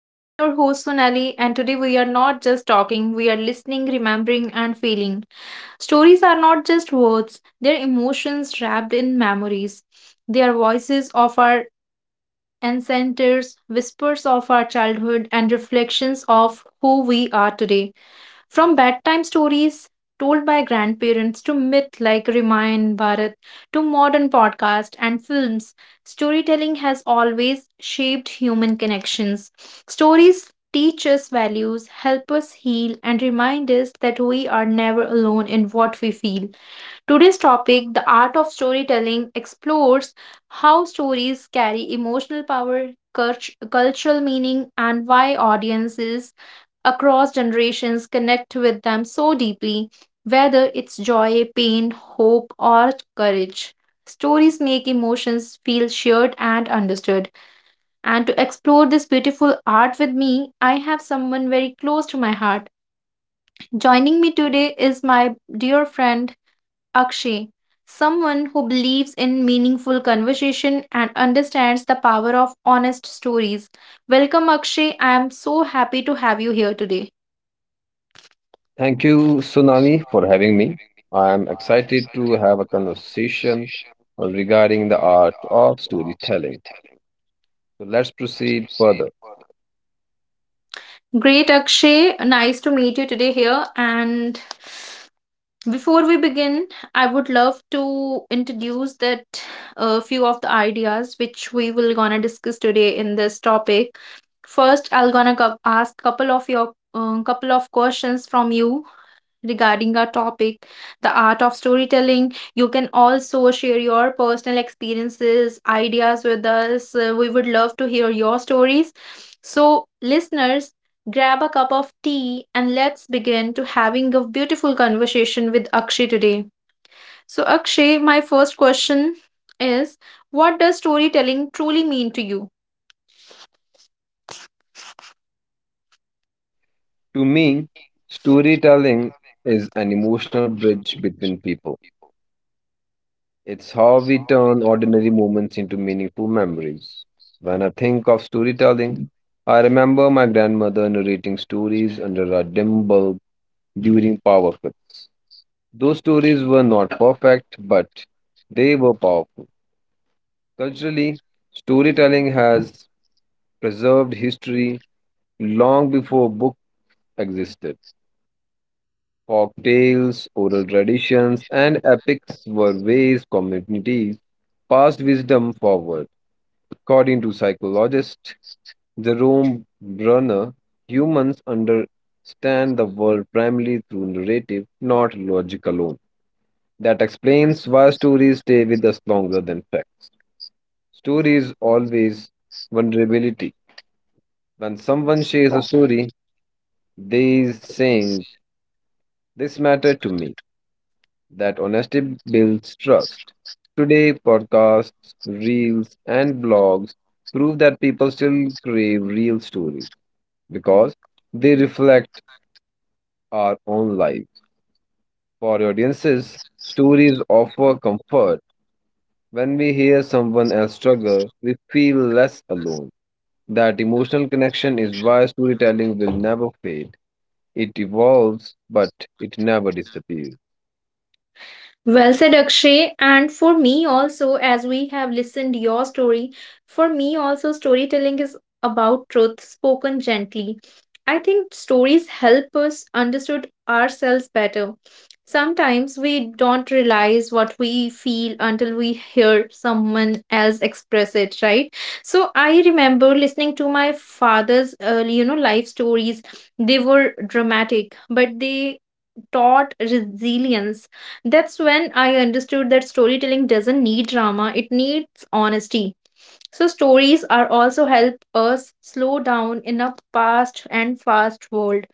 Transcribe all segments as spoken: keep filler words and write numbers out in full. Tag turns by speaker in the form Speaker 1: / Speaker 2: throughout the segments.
Speaker 1: I am your host Sonali, and today we are not just talking, we are listening, remembering, and feeling. Stories are not just words, they're emotions wrapped in memories. They are voices of our ancestors, whispers of our childhood, and reflections of who we are today. From bedtime stories told by grandparents to myth like Ramayan Bharat to modern podcasts and films, storytelling has always shaped human connections. Stories teach us values, help us heal, and remind us that we are never alone in what we feel. Today's topic, the art of storytelling, explores how stories carry emotional power, cult- cultural meaning, and why audiences across generations connect with them so deeply, whether it's joy, pain, hope, or courage. Stories make emotions feel shared and understood. And to explore this beautiful art with me, I have someone very close to my heart. Joining me today is my dear friend Akshay, someone who believes in meaningful conversation and understands the power of honest stories. Welcome, Akshay. I am so happy to have you here today.
Speaker 2: Thank you, Sonali, for having me. I am excited to have a conversation on regarding the art of storytelling. So let's proceed further.
Speaker 1: Great, Akshay. Nice to meet you today here. And before we begin, I would love to introduce that a few of the ideas which we will gonna discuss today in this topic. First, I'll gonna cou- ask couple of your um, couple of questions from you regarding our topic, the art of storytelling. You can also share your personal experiences, ideas with us. Uh, we would love to hear your stories. So, listeners, grab a cup of tea and let's begin to having a beautiful conversation with Akshay today. So, Akshay, my first question is what does storytelling truly mean to you?
Speaker 2: To me, storytelling is an emotional bridge between people. It's how we turn ordinary moments into meaningful memories. When I think of storytelling, I remember my grandmother narrating stories under a dim bulb during power cuts. Those stories were not perfect, but they were powerful. Culturally, storytelling has preserved history long before books existed. Folk tales, oral traditions, and epics were ways communities passed wisdom forward. According to psychologist Jerome Brunner, humans understand the world primarily through narrative, not logic alone. That explains why stories stay with us longer than facts. Stories always vulnerability. When someone shares a story, they is saying, "This mattered to me." That honesty builds trust. Today, podcasts, reels, and blogs prove that people still crave real stories because they reflect our own lives. For audiences, stories offer comfort. When we hear someone else struggle, we feel less alone. That emotional connection is why storytelling will never fade. It evolves, but it never disappears.
Speaker 1: Well said, Akshay. And for me also, as we have listened your story, for me also storytelling is about truth spoken gently. I think stories help us understood ourselves better. Sometimes we don't realize what we feel until we hear someone else express it, right? So I remember listening to my father's, uh, you know, life stories. They were dramatic, but they taught resilience, that's when I understood that storytelling doesn't need drama, it needs honesty. So, stories are also help us slow down in a fast and fast world.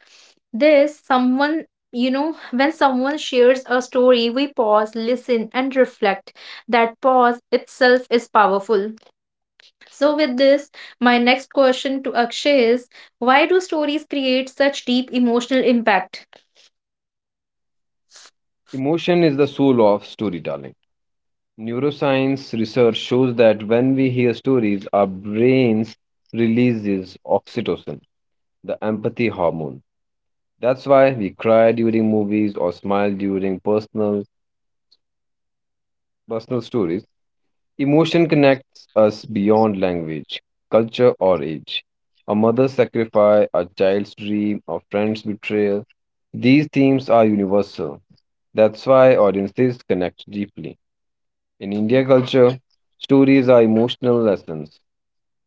Speaker 1: This, someone, you know, when someone shares a story, we pause, listen, and reflect. That pause itself is powerful. So, with this, my next question to Akshay is why do stories create such deep emotional impact?
Speaker 2: Emotion is the soul of storytelling. Neuroscience research shows that when we hear stories, our brains releases oxytocin, the empathy hormone. That's why we cry during movies or smile during personal personal stories. Emotion connects us beyond language, culture, or age. A mother's sacrifice, a child's dream, a friend's betrayal. These themes are universal. That's why audiences connect deeply. In India culture, stories are emotional lessons.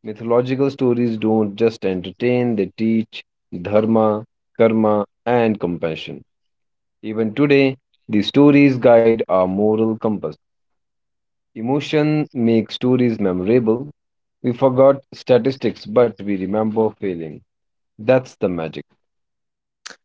Speaker 2: Mythological stories don't just entertain, they teach dharma, karma, and compassion. Even today, these stories guide our moral compass. Emotion makes stories memorable. We forgot statistics, but we remember feeling. That's the magic.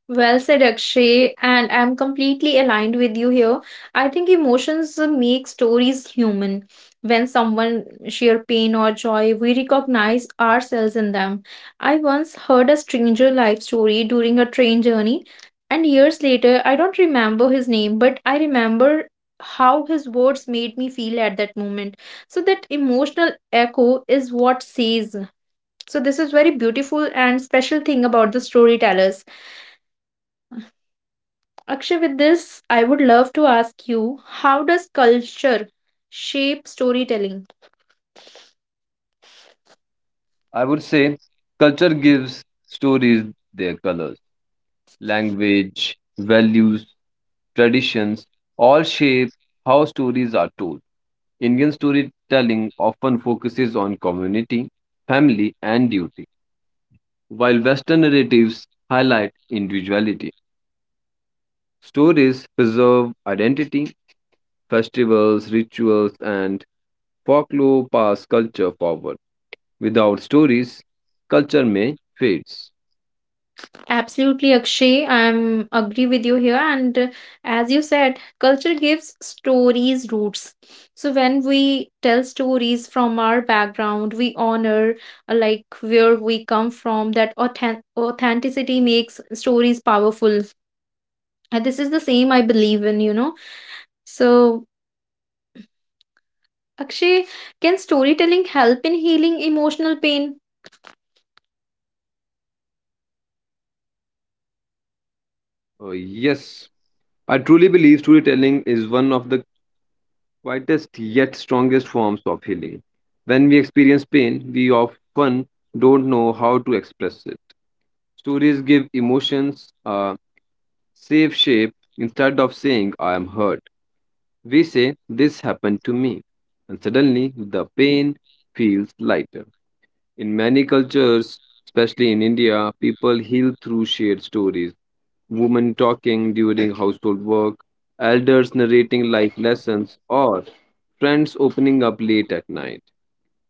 Speaker 1: Well said, Akshay, and I'm completely aligned with you here. I think emotions uh, make stories human. When someone share pain or joy, we recognize ourselves in them. I once heard a stranger life story during a train journey, and years later, I don't remember his name, but I remember how his words made me feel at that moment. So that emotional echo is what says. So this is very beautiful and special thing about the storytellers. Akshay, with this, I would love to ask you how does culture shape storytelling?
Speaker 2: I would say culture gives stories their colors, language, values, traditions, all shape how stories are told. Indian storytelling often focuses on community, family, and duty, while Western narratives highlight individuality. Stories preserve identity, festivals, rituals, and folklore pass culture forward. Without stories, culture may fades.
Speaker 1: Absolutely, Akshay. I'm agree with you here. And uh, as you said, culture gives stories roots. So when we tell stories from our background, we honor uh, like where we come from. That authen- authenticity makes stories powerful. And this is the same I believe in, you know. So Akshay, can storytelling help in healing emotional pain?
Speaker 2: Uh, yes, I truly believe storytelling is one of the quietest yet strongest forms of healing. When we experience pain, we often don't know how to express it. Stories give emotions a safe shape instead of saying, "I am hurt." We say, "This happened to me." And suddenly, the pain feels lighter. In many cultures, especially in India, people heal through shared stories women talking during household work, elders narrating life lessons, or friends opening up late at night.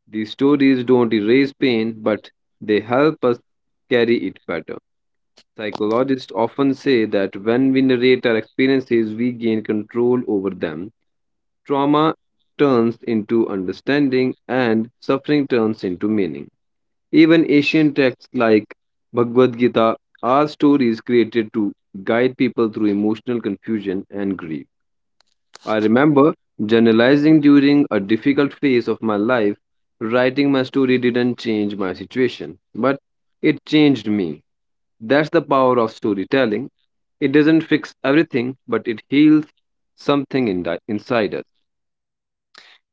Speaker 2: These stories don't erase pain, but they help us carry it better. Psychologists often say that when we narrate our experiences, we gain control over them. Trauma turns into understanding, and suffering turns into meaning. Even ancient texts like Bhagavad Gita are stories created to guide people through emotional confusion and grief. I remember journalizing during a difficult phase of my life. Writing my story didn't change my situation, but it changed me. That's the power of storytelling. It doesn't fix everything, but it heals something in inside us.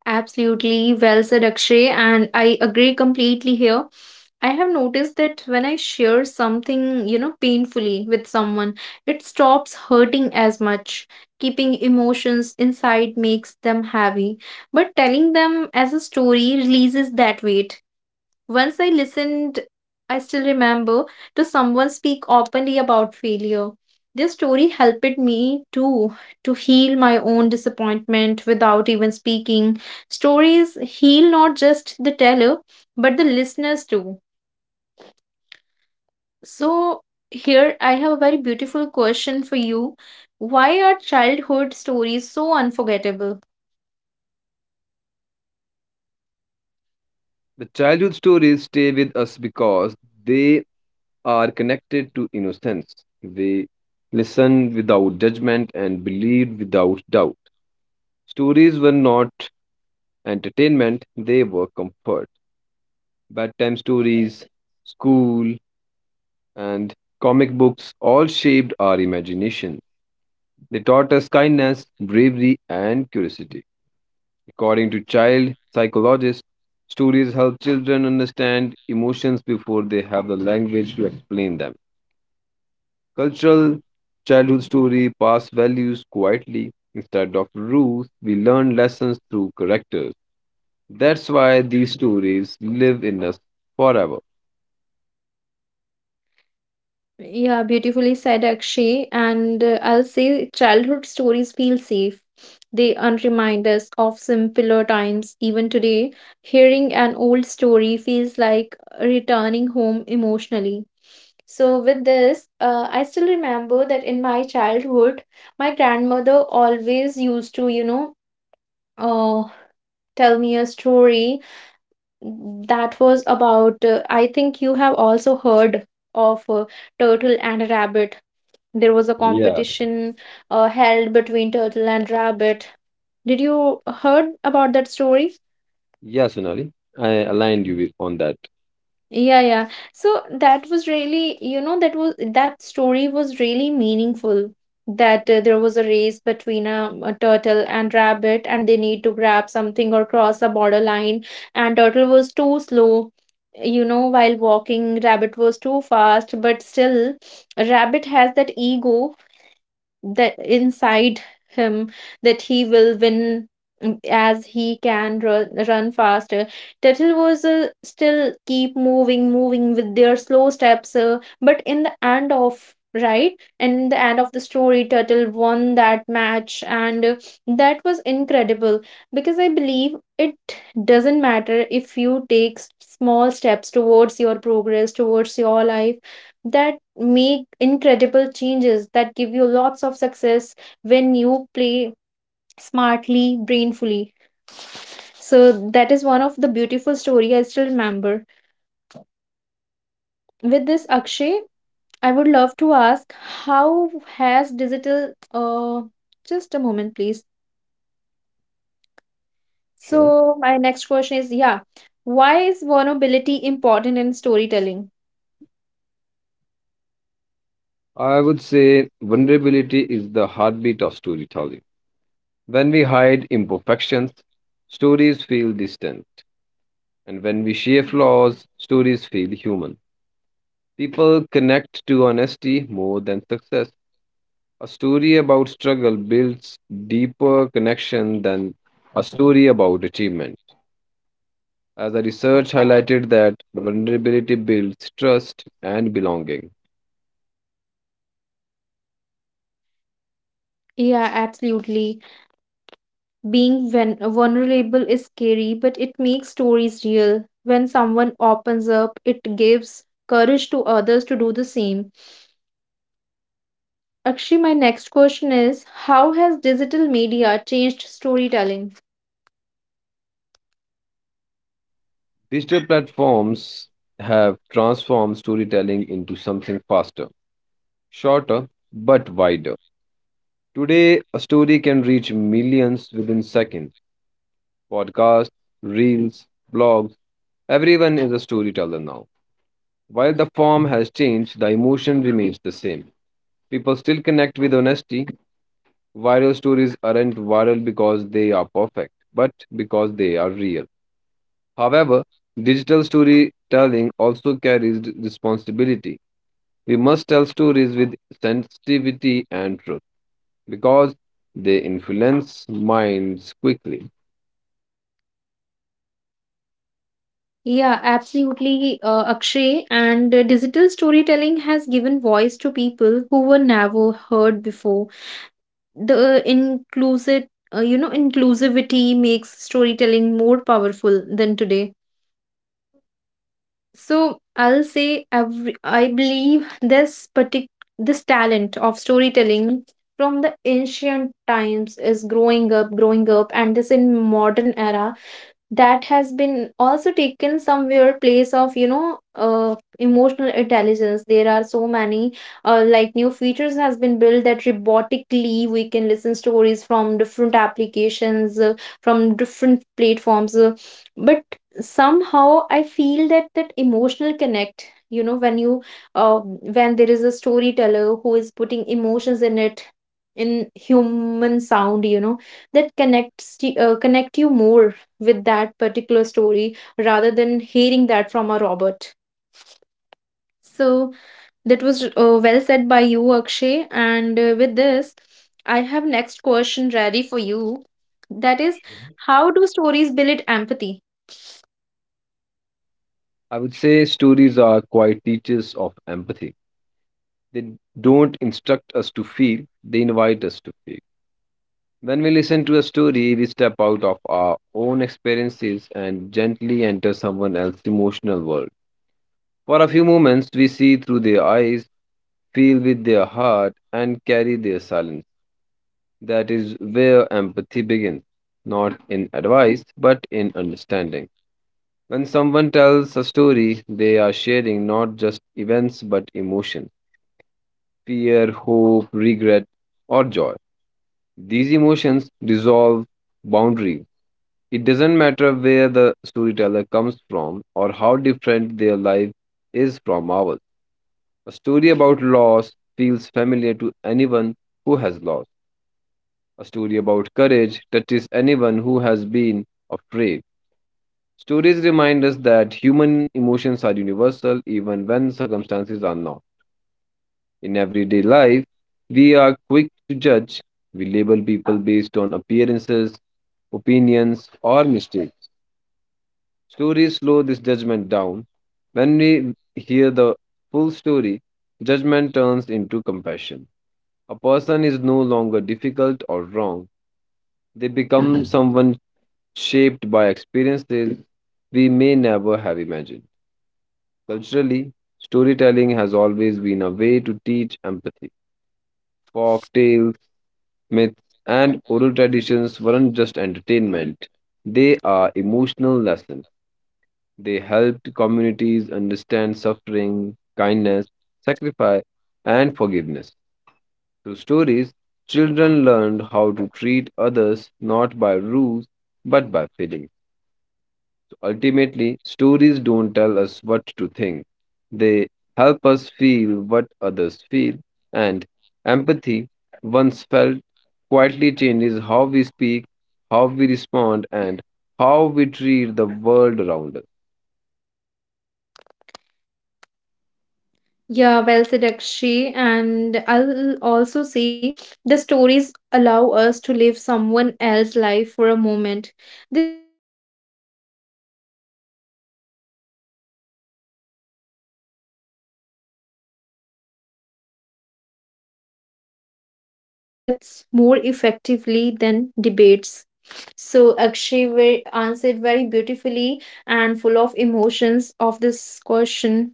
Speaker 1: Absolutely, well said, Akshay, and I agree completely here. I have noticed that when I share something, you know, painfully with someone, it stops hurting as much. Keeping emotions inside makes them heavy, but telling them as a story releases that weight. Once I listened, I still remember, to someone speak openly about failure. Their story helped me too to heal my own disappointment without even speaking. Stories heal not just the teller, but the listeners too. So, here I have a very beautiful question for you. Why are childhood stories so unforgettable?
Speaker 2: The childhood stories stay with us because they are connected to innocence. They listened without judgment and believed without doubt. Stories were not entertainment, they were comfort. Bedtime stories, school, and comic books all shaped our imagination. They taught us kindness, bravery, and curiosity. According to child psychologists, stories help children understand emotions before they have the language to explain them. Cultural childhood story pass values quietly instead of rules. We learn lessons through characters. That's why these stories live in us forever.
Speaker 1: Yeah, beautifully said, Akshay. And uh, I'll say childhood stories feel safe. They unremind us of simpler times. Even today, hearing an old story feels like uh, returning home emotionally. So, with this, uh, I still remember that in my childhood, my grandmother always used to, you know, uh, tell me a story that was about, uh, I think you have also heard of uh, Turtle and a Rabbit, there was a
Speaker 2: Mhm. Yeah,
Speaker 1: competition uh, held between turtle and rabbit. Did you heard about that story?
Speaker 2: yeah, Sonali, I aligned you with on that.
Speaker 1: Yeah, yeah. So that was really, you know, that was that story was really meaningful. That uh, there was a race between a, a turtle and rabbit, and they need to grab something or cross a borderline. And turtle was too slow, you know, while walking. Rabbit was too fast, but still, rabbit has that ego that inside him that he will win, mm, as he can run, run faster. Turtle was uh, still keep moving, moving with their slow steps, uh, but in the end of right, and in the end of the story turtle won that match, and uh, that was incredible because I believe it doesn't matter if you take s- small steps towards your progress towards your life that make incredible changes that give you lots of success when you play smartly brainfully. So that is one of the beautiful story I still remember. With this Akshay, I would love to ask how has digital uh, just a moment please.
Speaker 2: Sure.
Speaker 1: So my next question is, yeah, why is vulnerability important in storytelling?
Speaker 2: I would say vulnerability is the heartbeat of storytelling. When we hide imperfections, stories feel distant, and when we share flaws, stories feel human. People connect to honesty more than success. A story about struggle builds deeper connection than a story about achievement. As the research highlighted that vulnerability builds trust and belonging.
Speaker 1: Yeah, absolutely. Being ven- vulnerable is scary, but it makes stories real. When someone opens up, it gives courage to others to do the same. Actually, my next question is, how has digital media changed storytelling?
Speaker 2: Digital platforms have transformed storytelling into something faster, shorter, but wider. Today, a story can reach millions within seconds. Podcasts, reels, blogs, everyone is a storyteller now. While the form has changed, the emotion remains the same. People still connect with honesty. Viral stories aren't viral because they are perfect, but because they are real. However, digital storytelling also carries d- responsibility. We must tell stories with sensitivity and truth because they influence minds quickly.
Speaker 1: Yeah, absolutely, uh, Akshay. And uh, digital storytelling has given voice to people who were never heard before. The inclusive, uh, you know, inclusivity makes storytelling more powerful than today. So I'll say every, I believe this partic- this talent of storytelling from the ancient times is growing up, growing up, and this in modern era, that has been also taken somewhere place of, you know uh, emotional intelligence. There are so many uh, like new features has been built that robotically we can listen stories from different applications, uh, from different platforms, uh, but somehow I feel that that emotional connect, you know, when you uh, when there is a storyteller who is putting emotions in it in human sound, you know, that connects to- uh, connect you more with that particular story rather than hearing that from a Robert. So that was uh, well said by you, Akshay. And uh, with this, I have next question ready for you. That is, how do stories build empathy?
Speaker 2: I would say stories are quite teachers of empathy. They don't instruct us to feel, they invite us to feel. When we listen to a story, we step out of our own experiences and gently enter someone else's emotional world. For a few moments, we see through their eyes, feel with their heart, and carry their silence. That is where empathy begins, not in advice, but in understanding. When someone tells a story, they are sharing not just events but emotions fear, hope, regret, or joy. These emotions dissolve boundaries. It doesn't matter where the storyteller comes from or how different their life is from ours. A story about loss feels familiar to anyone who has lost. A story about courage touches anyone who has been afraid. Stories remind us that human emotions are universal even when circumstances are not. In everyday life, we are quick to judge. We label people based on appearances, opinions, or mistakes. Stories slow this judgment down. When we hear the full story, judgment turns into compassion. A person is no longer difficult or wrong. They become someone shaped by experiences we may never have imagined. Culturally, storytelling has always been a way to teach empathy. Folk tales, myths, and oral traditions weren't just entertainment, they are emotional lessons. They helped communities understand suffering, kindness, sacrifice, and forgiveness. Through stories, children learned how to treat others not by rules but by feelings. So ultimately, stories don't tell us what to think, they help us feel what others feel, and empathy, once felt, quietly changes how we speak, how we respond, and how we treat the world around us.
Speaker 1: Yeah, well said, Akshi. And I'll also see the stories allow us to live someone else's life for a moment. This soften judgments and replace them with understanding. You know, empathy grows when we listen without interrupting. This is why stories can change mindsets more effectively than debates. So, Akshay ve- answered very beautifully and full of emotions of this question.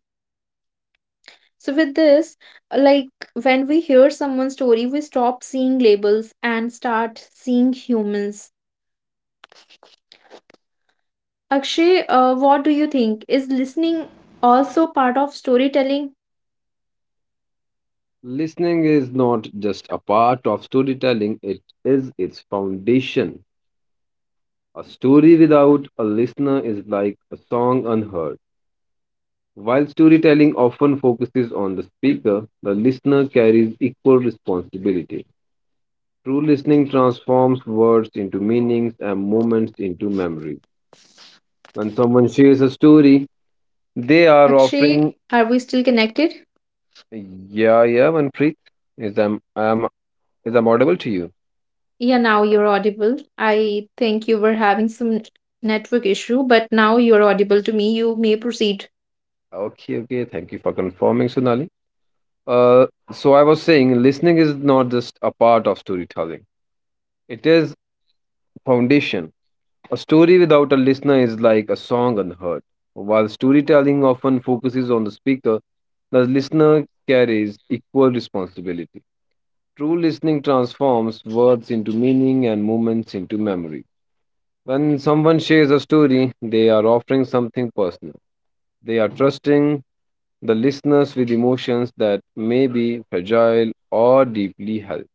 Speaker 1: So, with this, uh, like when we hear someone's story, we stop seeing labels and start seeing humans. Akshay, uh, what do you think? Is listening also part of storytelling?
Speaker 2: Listening is not just a part of storytelling, it is its foundation. A story without a listener is like a song unheard. While storytelling often focuses on the speaker, the listener carries equal responsibility. True listening transforms words into meanings and moments into memory. When someone shares a story, they are offering.
Speaker 1: Akshay, are we still connected?
Speaker 2: Yeah, yeah, Manpreet. Is I'm, I'm, is I'm audible to you?
Speaker 1: Yeah, now you're audible. I think you were having some network issue, but now you're audible to me. You may proceed.
Speaker 2: Okay, okay. Thank you for confirming, Sonali. Uh, so I was saying, listening is not just a part of storytelling. It is foundation. A story without a listener is like a song unheard. While storytelling often focuses on the speaker, the listener carries equal responsibility. True listening transforms words into meaning and moments into memory. When someone shares a story, they are offering something personal. They are trusting the listeners with emotions that may be fragile or deeply held.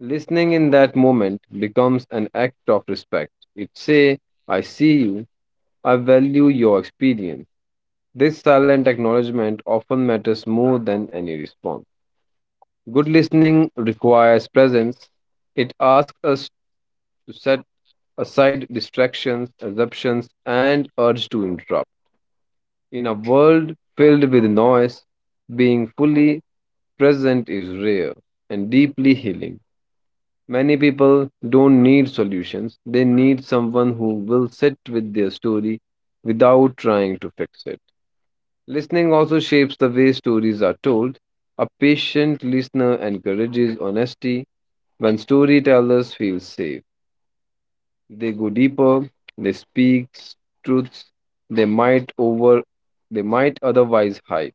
Speaker 2: Listening in that moment becomes an act of respect. It say, "I see you, I value your experience." This silent acknowledgement often matters more than any response. Good listening requires presence. It asks us to set aside distractions, assumptions, and urge to interrupt. In a world filled with noise, being fully present is rare and deeply healing. Many people don't need solutions, they need someone who will sit with their story without trying to fix it. Listening also shapes the way stories are told. A patient listener encourages honesty. When storytellers feel safe, they go deeper, they speak truths they might over they might otherwise hide.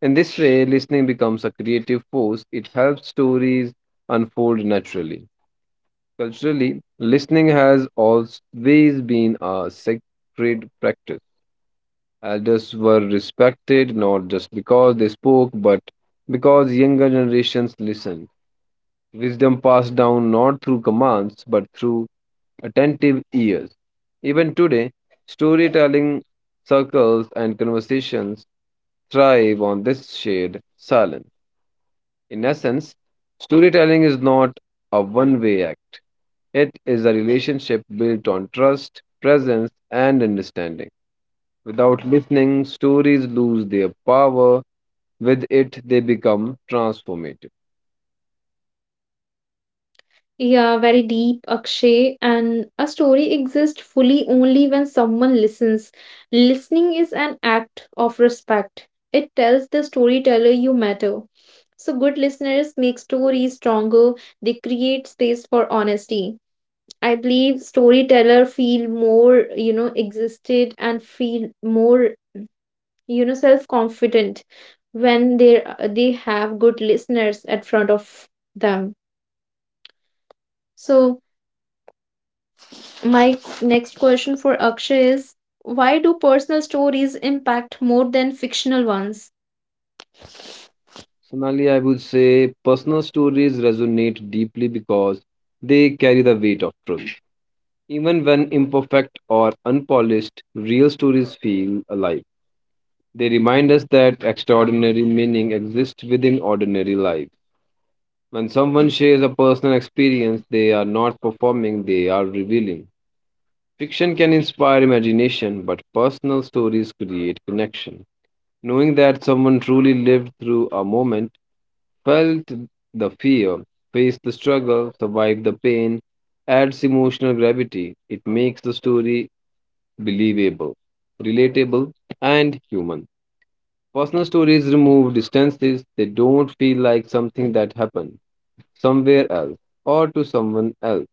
Speaker 2: In this way, listening becomes a creative force. It helps stories unfold naturally. Culturally, listening has always been a sacred practice. Elders were respected not just because they spoke, but because younger generations listened. Wisdom passed down not through commands, but through attentive ears. Even today, storytelling circles and conversations thrive on this shared silence. In essence, storytelling is not a one way act. It is a relationship built on trust, presence, and understanding. Without listening, stories lose their power. With it, they become transformative.
Speaker 1: Yeah, very deep, Akshay. And a story exists fully only when someone listens. Listening is an act of respect. It tells the storyteller you matter. So good listeners make stories stronger. They create space for honesty. I believe storyteller feel more, you know, existed and feel more, you know, self-confident when they they have good listeners at front of them. So my next question for Akshay is why do personal stories impact more than fictional ones?
Speaker 2: Sonali, I would say personal stories resonate deeply because they carry the weight of truth. Even when imperfect or unpolished, real stories feel alive. They remind us that extraordinary meaning exists within ordinary lives. When someone shares a personal experience, they are not performing, they are revealing. Fiction can inspire imagination, but personal stories create connection. Knowing that someone truly lived through a moment, felt the fear, faced the struggle, survived the pain, adds emotional gravity. It makes the story believable, relatable, and human. Personal stories remove distances, they don't feel like something that happened somewhere else or to someone else.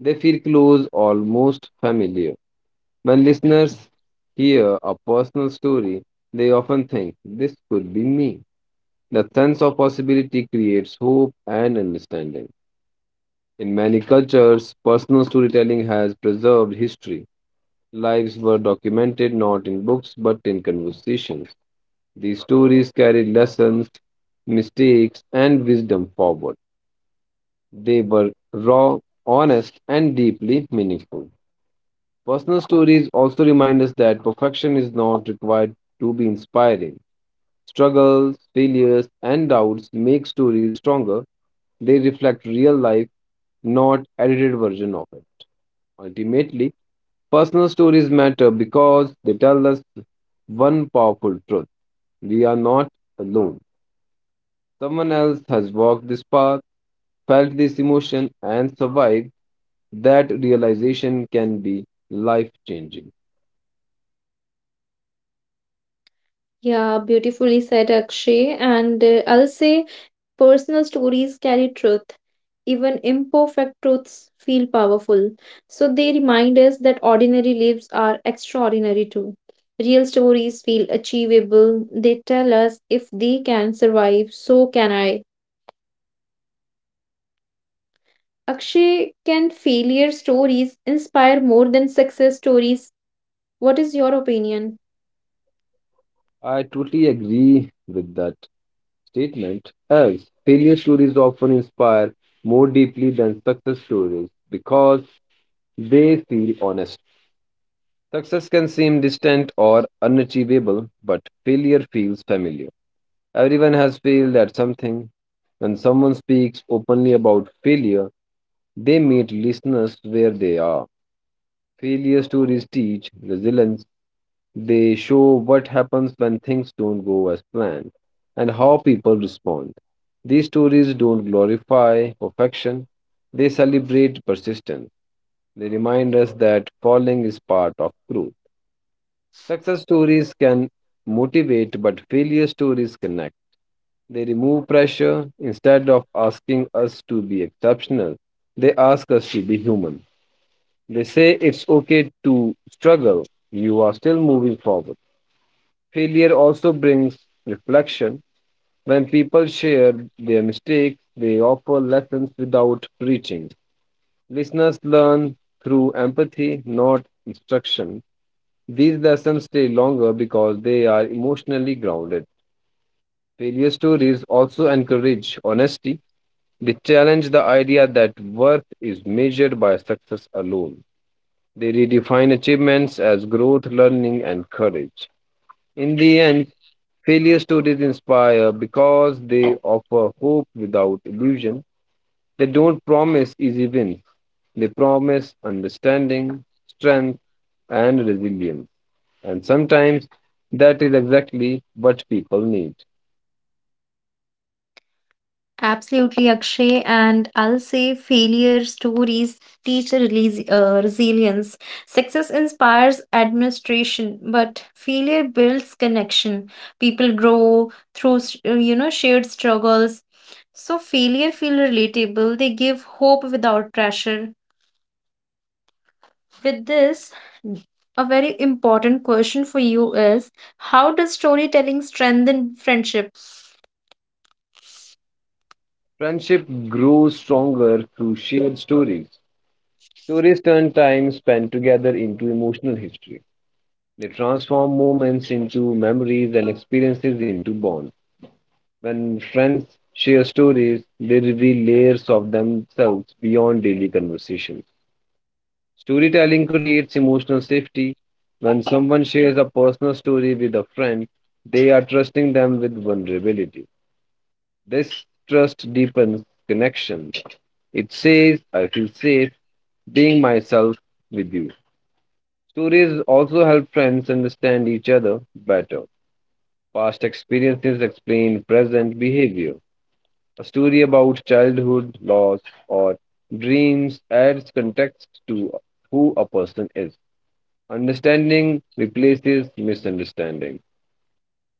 Speaker 2: They feel close, almost familiar. When listeners hear a personal story, they often think, "This could be me." The sense of possibility creates hope and understanding. In many cultures, personal storytelling has preserved history. Lives were documented not in books but in conversations. These stories carried lessons, mistakes, and wisdom forward. They were raw, honest, and deeply meaningful. Personal stories also remind us that perfection is not required to be inspiring. Struggles, failures, and doubts make stories stronger. They reflect real life, not edited version of it. Ultimately, personal stories matter because they tell us one powerful truth. We are not alone. Someone else has walked this path, felt this emotion, and survived. That realization can be life changing.
Speaker 1: Yeah, beautifully said, Akshay. And uh, I'll say personal stories carry truth. Even imperfect truths feel powerful. So they remind us that ordinary lives are extraordinary too. Real stories feel achievable. They tell us if they can survive, so can I. Akshay, can failure stories inspire more than success stories? What is your opinion?
Speaker 2: I totally agree with that statement as failure stories often inspire more deeply than success stories because they feel honest. Success can seem distant or unachievable, but failure feels familiar. Everyone has failed at something. When someone speaks openly about failure, they meet listeners where they are. Failure stories teach resilience. They show what happens when things don't go as planned and how people respond. These stories don't glorify perfection, they celebrate persistence. They remind us that falling is part of growth. Success stories can motivate, but failure stories connect. They remove pressure. Instead of asking us to be exceptional, they ask us to be human. They say it's okay to struggle, you are still moving forward. Failure also brings reflection. When people share their mistakes, they offer lessons without preaching. Listeners learn through empathy, not instruction. These lessons stay longer because they are emotionally grounded. Failure stories also encourage honesty. They challenge the idea that worth is measured by success alone. They redefine achievements as growth, learning, and courage. In the end, failure stories inspire because they offer hope without illusion. They don't promise easy wins, they promise understanding, strength, and resilience. And sometimes that is exactly what people need.
Speaker 1: Absolutely, Akshay. And I'll say failure stories teach a release, uh, resilience. Success inspires administration, but failure builds connection. People grow through, s- uh, you know, shared struggles. So failure feel relatable. They give hope without pressure. With this, a very important question for you is how does storytelling strengthen friendship?
Speaker 2: Friendship grows stronger through shared stories. Stories turn time spent together into emotional history. They transform moments into memories and experiences into bonds. When friends share stories, they reveal layers of themselves beyond daily conversations. Storytelling creates emotional safety. When someone shares a personal story with a friend, they are trusting them with vulnerability. This trust deepens connection. It says, I feel safe being myself with you. Stories also help friends understand each other better. Past experiences explain present behavior. A story about childhood, loss, or dreams adds context to who a person is. Understanding replaces misunderstanding.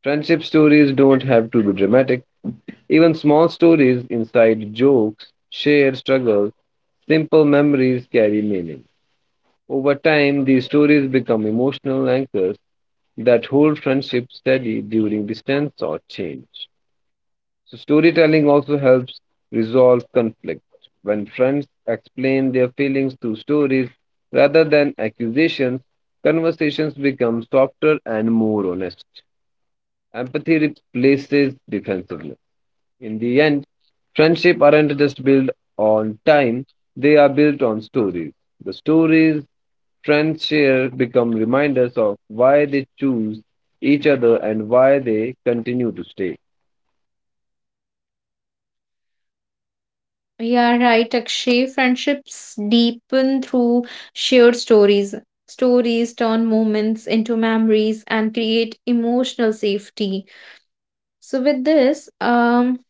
Speaker 2: Friendship stories don't have to be dramatic. Even small stories, inside jokes, shared struggles, simple memories carry meaning. Over time, these stories become emotional anchors that hold friendships steady during distance or change. So, storytelling also helps resolve conflict. When friends explain their feelings through stories rather than accusations, conversations become softer and more honest. Empathy replaces defensiveness. In the end, friendship aren't just built on time, they are built on stories. The stories friends share become reminders of why they choose each other and why they continue to stay.
Speaker 1: Yeah, right, Akshay. Friendships deepen through shared stories. Stories turn moments into memories and create emotional safety. So, with this, um,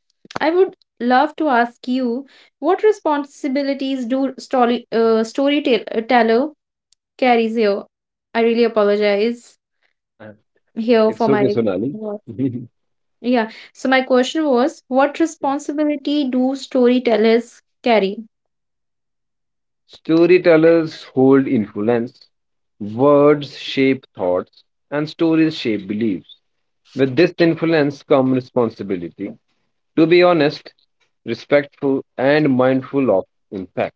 Speaker 1: I would love to ask you what responsibilities do story uh, storyteller carries here? I really apologize
Speaker 2: Uh,
Speaker 1: here
Speaker 2: It's
Speaker 1: for
Speaker 2: okay,
Speaker 1: my
Speaker 2: Sonali.
Speaker 1: words. Yeah. So, my question was, what responsibility do storytellers carry?
Speaker 2: Storytellers hold influence, words shape thoughts, and stories shape beliefs. With this influence comes responsibility to be honest, respectful, and mindful of impact.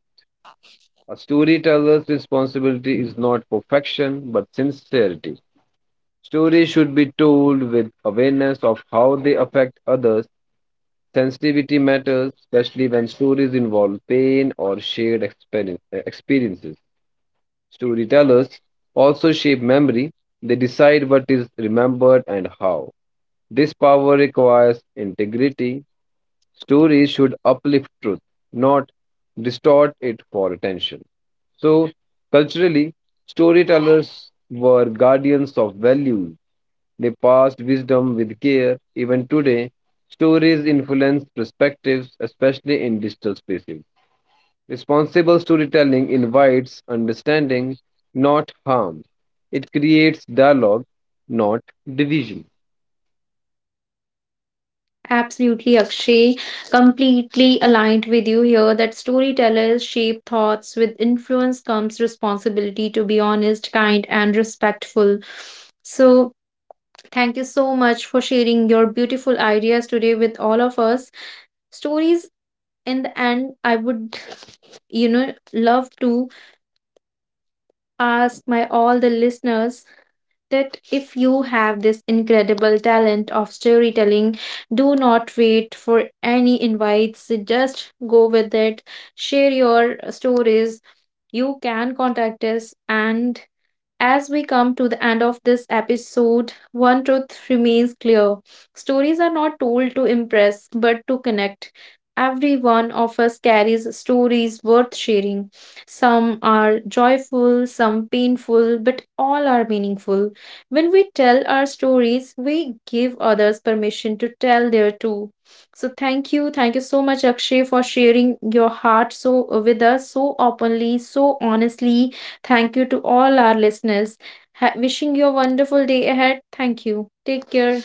Speaker 2: A storyteller's responsibility is not perfection but sincerity. Stories should be told with awareness of how they affect others. Sensitivity matters, especially when stories involve pain or shared experience, experiences. Storytellers also shape memory, they decide what is remembered and how. This power requires integrity. Stories should uplift truth, not distort it for attention. So, culturally, storytellers were guardians of values. They passed wisdom with care. Even today, stories influence perspectives, especially in digital spaces. Responsible storytelling invites understanding, not harm. It creates dialogue, not division.
Speaker 1: Absolutely, Akshay. Completely aligned with you here that storytellers shape thoughts. With influence comes responsibility to be honest, kind, and respectful. So, thank you so much for sharing your beautiful ideas today with all of us. Stories, in the end, I would, you know, love to ask my all the listeners that if you have this incredible talent of storytelling, do not wait for any invites, just go with it, share your stories. You can contact us and as we come to the end of this episode, one truth remains clear. Stories are not told to impress, but to connect. Every one of us carries stories worth sharing. Some are joyful, some painful, but all are meaningful. When we tell our stories, we give others permission to tell their too. So thank you, thank you so much, Akshay, for sharing your heart so with us so openly, so honestly. Thank you to all our listeners. Ha- wishing you a wonderful day ahead. Thank you. Take care.